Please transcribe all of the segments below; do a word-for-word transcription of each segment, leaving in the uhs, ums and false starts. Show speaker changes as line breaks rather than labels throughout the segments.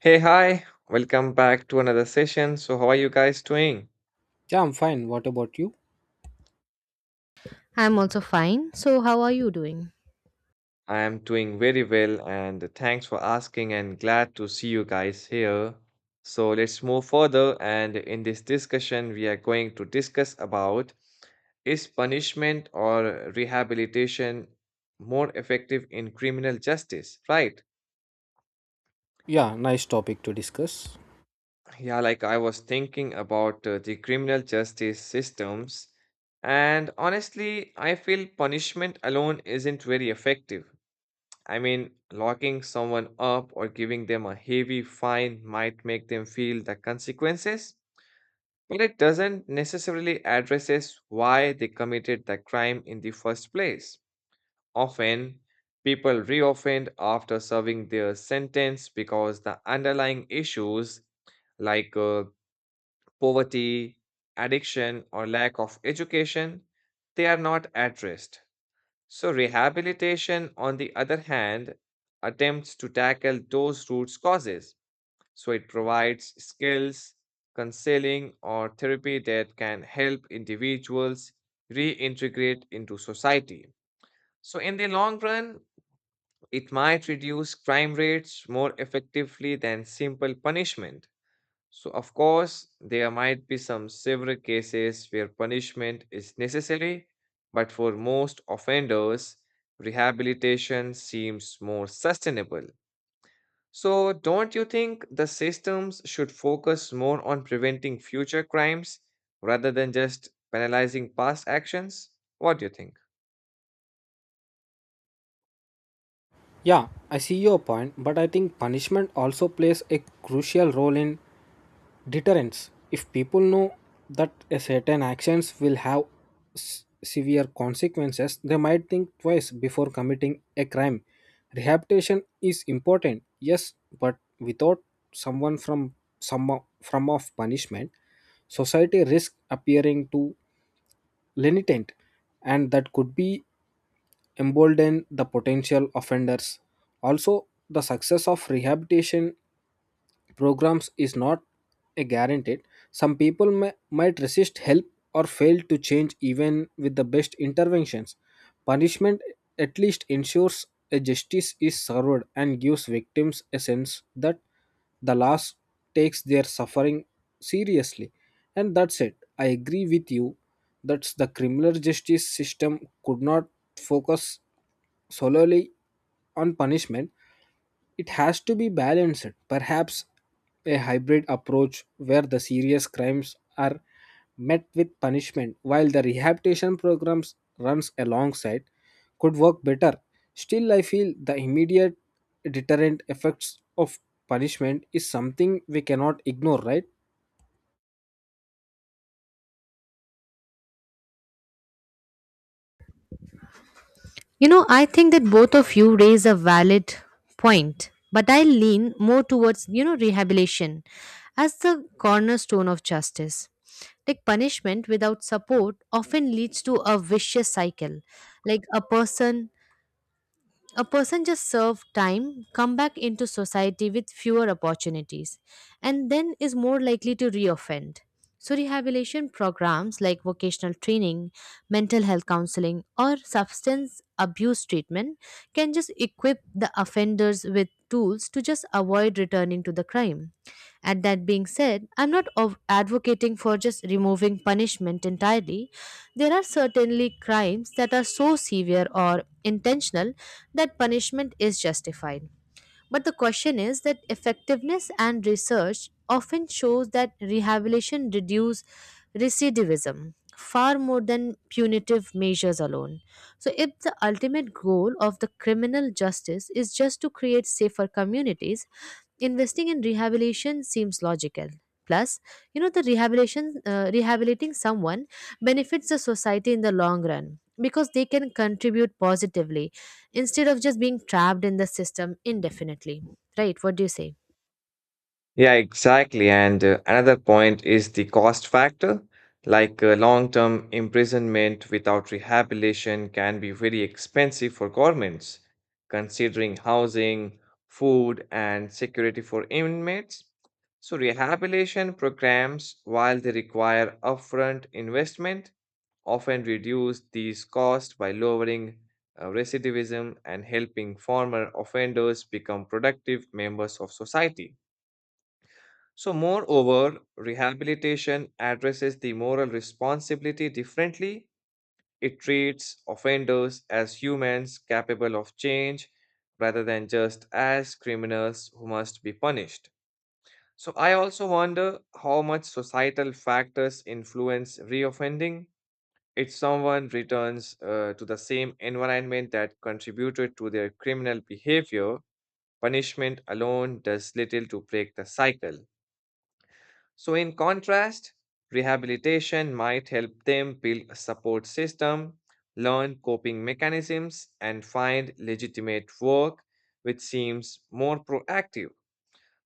Hey, hi, welcome back to another session. So, how are you guys doing?
Yeah, I'm fine. What about you?
I'm also fine. So, how are you doing?
I am doing very well, and thanks for asking, and glad to see you guys here. So, let's move further. And in this discussion, we are going to discuss about is punishment or rehabilitation more effective in criminal justice, right?
Yeah, nice topic to discuss.
Yeah, like I was thinking about uh, the criminal justice systems, and honestly, I feel punishment alone isn't very effective. I mean, locking someone up or giving them a heavy fine might make them feel the consequences, but it doesn't necessarily addresses why they committed the crime in the first place. Often, people reoffend after serving their sentence because the underlying issues like uh, poverty, addiction, or lack of education, they are not addressed. So, rehabilitation, on the other hand, attempts to tackle those root causes. So, it provides skills, counseling, or therapy that can help individuals reintegrate into society. So, in the long run, it might reduce crime rates more effectively than simple punishment. So, of course, there might be some severe cases where punishment is necessary, but for most offenders, rehabilitation seems more sustainable. So, don't you think the systems should focus more on preventing future crimes rather than just penalizing past actions? What do you think?
Yeah, I see your point, but I think punishment also plays a crucial role in deterrence. If people know that a certain actions will have s- severe consequences, they might think twice before committing a crime. Rehabilitation is important, yes, but without someone from some from of punishment, society risks appearing to lenitent and that could be embolden the potential offenders. Also, the success of rehabilitation programs is not a guaranteed. Some people may, might resist help or fail to change even with the best interventions. Punishment at least ensures a justice is served and gives victims a sense that the loss takes their suffering seriously. And that's it. I agree with you that the criminal justice system could not focus solely on punishment, it has to be balanced. Perhaps a hybrid approach where the serious crimes are met with punishment while the rehabilitation programs runs alongside could work better. Still, I feel the immediate deterrent effects of punishment is something we cannot ignore, right?
You know, I think that both of you raise a valid point, but I lean more towards, you know, rehabilitation as the cornerstone of justice. Like punishment without support often leads to a vicious cycle. Like a person A person just served time, come back into society with fewer opportunities, and then is more likely to reoffend. So, rehabilitation programs like vocational training, mental health counseling, or substance abuse treatment can just equip the offenders with tools to just avoid returning to the crime. And that being said, I'm not of advocating for just removing punishment entirely. There are certainly crimes that are so severe or intentional that punishment is justified. But the question is that effectiveness and research often shows that rehabilitation reduces recidivism far more than punitive measures alone. So if the ultimate goal of the criminal justice is just to create safer communities, investing in rehabilitation seems logical, plus you know the rehabilitation uh, rehabilitating someone benefits the society in the long run because they can contribute positively instead of just being trapped in the system indefinitely, right? What do you say?
Yeah, exactly. And uh, another point is the cost factor. Like uh, long term imprisonment without rehabilitation can be very expensive for governments, considering housing, food, and security for inmates. So, rehabilitation programs, while they require upfront investment, often reduce these costs by lowering uh, recidivism and helping former offenders become productive members of society. So, moreover, rehabilitation addresses the moral responsibility differently. It treats offenders as humans capable of change rather than just as criminals who must be punished. So, I also wonder how much societal factors influence reoffending. If someone returns uh, to the same environment that contributed to their criminal behavior, punishment alone does little to break the cycle. So, in contrast, rehabilitation might help them build a support system, learn coping mechanisms, and find legitimate work, which seems more proactive.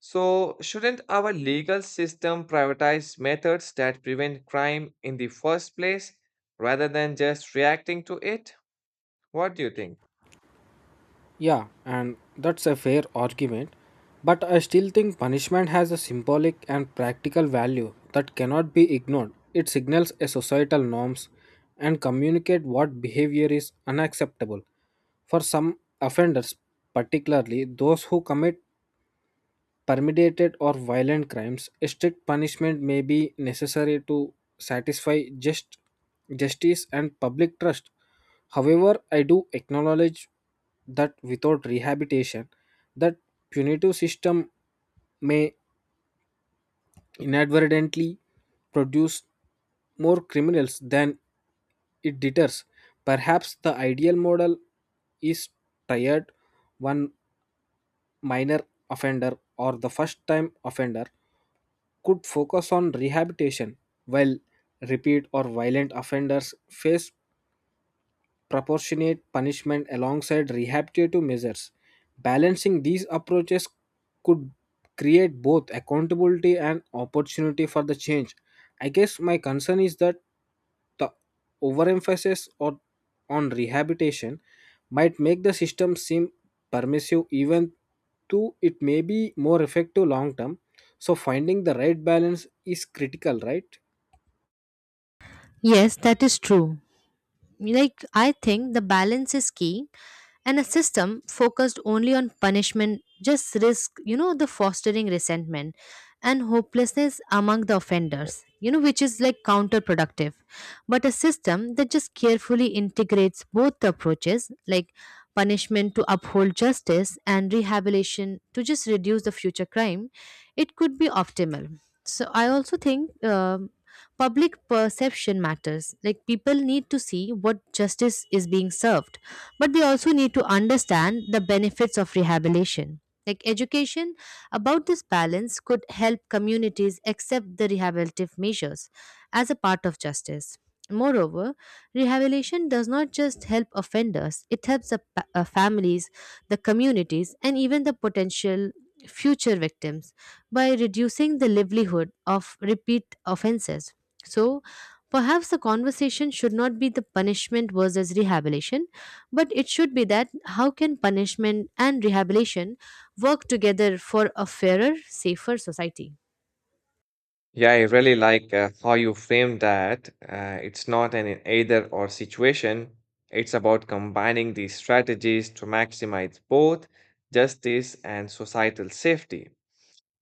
So, shouldn't our legal system prioritize methods that prevent crime in the first place rather than just reacting to it? What do you think?
Yeah, and that's a fair argument, but I still think punishment has a symbolic and practical value that cannot be ignored. It signals a societal norms and communicate what behavior is unacceptable. For some offenders, particularly those who commit permeated or violent crimes, strict punishment may be necessary to satisfy just justice and public trust. However, I do acknowledge that without rehabilitation, that punitive system may inadvertently produce more criminals than it deters. Perhaps the ideal model is tired one minor offender or the first time offender could focus on rehabilitation, while repeat or violent offenders face proportionate punishment alongside rehabilitative measures. Balancing these approaches could create both accountability and opportunity for the change. I guess my concern is that the overemphasis or on rehabilitation might make the system seem permissive even though it may be more effective long term, so finding the right balance is critical, right?
Yes, that is true. Like I think the balance is key, and a system focused only on punishment just risk you know the fostering resentment and hopelessness among the offenders, you know, which is like counterproductive. But a system that just carefully integrates both the approaches, like punishment to uphold justice and rehabilitation to just reduce the future crime, it could be optimal. So I also think, um, public perception matters. Like people need to see what justice is being served, but they also need to understand the benefits of rehabilitation. Like education about this balance could help communities accept the rehabilitative measures as a part of justice. Moreover, rehabilitation does not just help offenders, it helps the pa- uh, families, the communities, and even the potential future victims by reducing the livelihood of repeat offenses. So, perhaps the conversation should not be the punishment versus rehabilitation, but it should be that how can punishment and rehabilitation work together for a fairer, safer society?
Yeah, I really like uh, how you frame that. Uh, it's not an either or situation. It's about combining these strategies to maximize both justice and societal safety.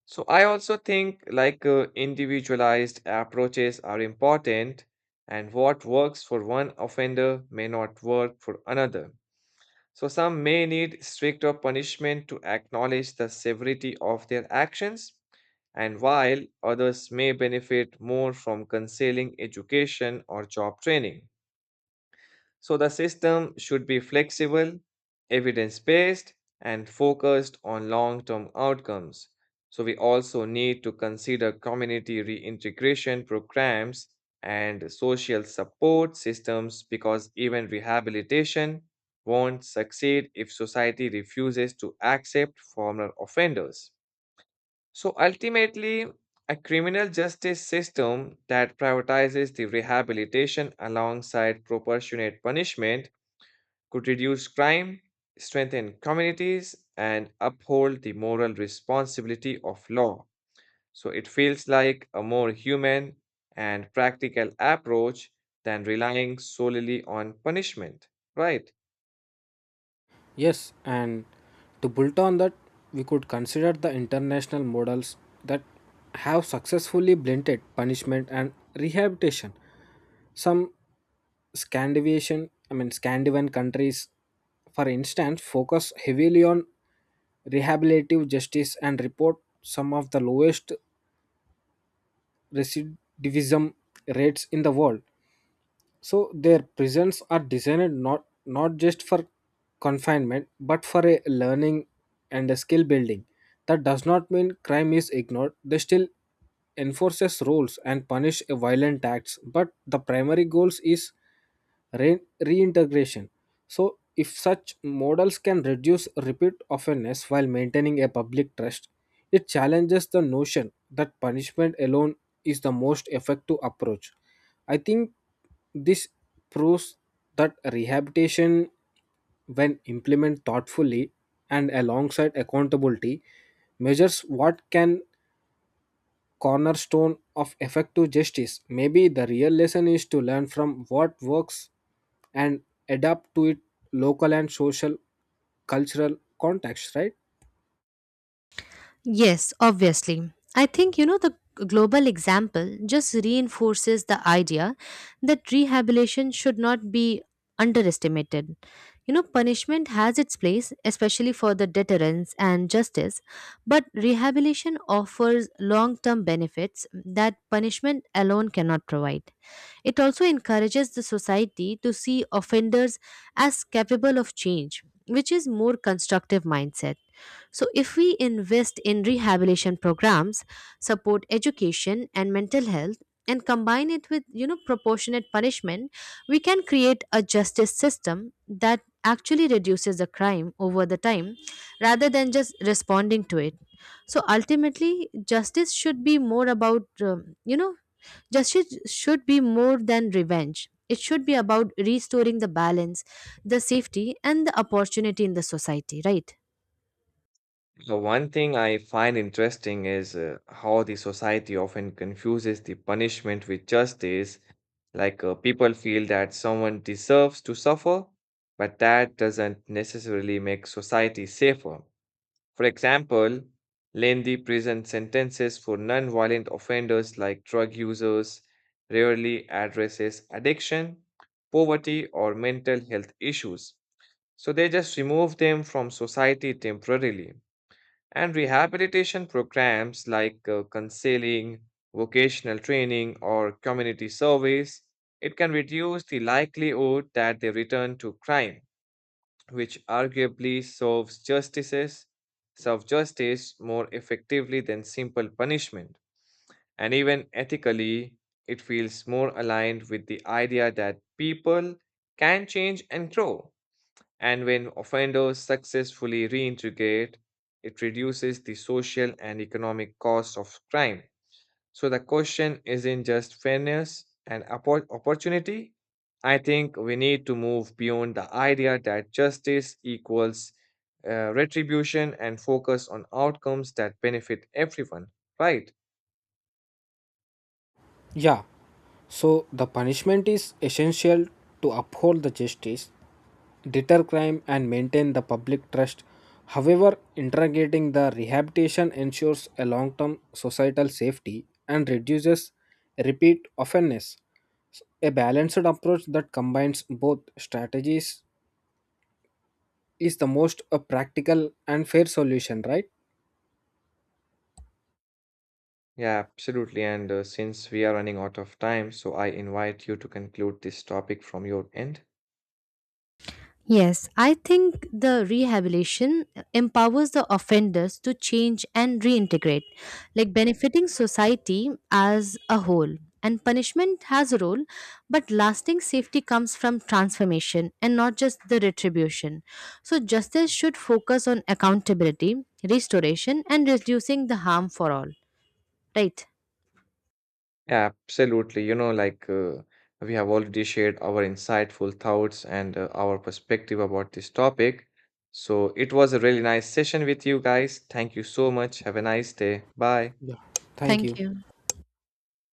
So I also think like uh, individualized approaches are important and what works for one offender may not work for another. So some may need stricter punishment to acknowledge the severity of their actions and while others may benefit more from concealing education or job training. So the system should be flexible, evidence based, and focused on long term outcomes. So we also need to consider community reintegration programs and social support systems because even rehabilitation won't succeed if society refuses to accept former offenders. So ultimately, a criminal justice system that prioritizes the rehabilitation alongside proportionate punishment could reduce crime, strengthen communities, and uphold the moral responsibility of law. So it feels like a more human and practical approach than relying solely on punishment, right?
Yes, and to build on that we could consider the international models that have successfully blended punishment and rehabilitation. Some Scandinavian, I mean Scandinavian countries, for instance, focus heavily on rehabilitative justice and report some of the lowest recidivism rates in the world. So their prisons are designed not not just for confinement but for a learning and a skill building. That does not mean crime is ignored. They still enforces rules and punish a violent acts, but the primary goals is re- reintegration. So if such models can reduce repeat offenders while maintaining a public trust, it challenges the notion that punishment alone is the most effective approach. I think this proves that rehabilitation, when implemented thoughtfully and alongside accountability, measures what can cornerstone of effective justice. Maybe the real lesson is to learn from what works and adapt to it local and social cultural context, right?
Yes, obviously. I think, you know, the global example just reinforces the idea that rehabilitation should not be underestimated. You know, punishment has its place, especially for the deterrence and justice, but rehabilitation offers long term benefits that punishment alone cannot provide. It also encourages the society to see offenders as capable of change, which is more constructive mindset. So if we invest in rehabilitation programs, support education and mental health, and combine it with, you know, proportionate punishment, we can create a justice system that actually reduces the crime over the time rather than just responding to it. So ultimately justice should be more about, um, you know justice should be more than revenge. It should be about restoring the balance, the safety, and the opportunity in the society, right?
So one thing I find interesting is uh, how the society often confuses the punishment with justice. Like uh, people feel that someone deserves to suffer, but that doesn't necessarily make society safer. For example, lengthy prison sentences for non-violent offenders like drug users rarely addresses addiction, poverty, or mental health issues. So they just remove them from society temporarily. And rehabilitation programs like uh, counseling, vocational training, or community service, it can reduce the likelihood that they return to crime, which arguably serves justices, serve justice more effectively than simple punishment. And even ethically, it feels more aligned with the idea that people can change and grow and when offenders successfully reintegrate, it reduces the social and economic cost of crime. So the question isn't just fairness and oppo- opportunity. I think we need to move beyond the idea that justice equals uh, retribution and focus on outcomes that benefit everyone. Right?
Yeah. So the punishment is essential to uphold the justice, deter crime and maintain the public trust. However, integrating the rehabilitation ensures a long-term societal safety and reduces repeat offenders. A balanced approach that combines both strategies is the most uh, practical and fair solution, right?
Yeah, absolutely. And uh, since we are running out of time, so I invite you to conclude this topic from your end.
Yes, I think the rehabilitation empowers the offenders to change and reintegrate, like benefiting society as a whole. And punishment has a role, but lasting safety comes from transformation and not just the retribution. So, justice should focus on accountability, restoration, and reducing the harm for all. Right.
Absolutely. You know, like uh, we have already shared our insightful thoughts and uh, our perspective about this topic. So it was a really nice session with you guys. Thank you so much. Have a nice day. Bye.
Yeah. Thank
Thank
you.
you.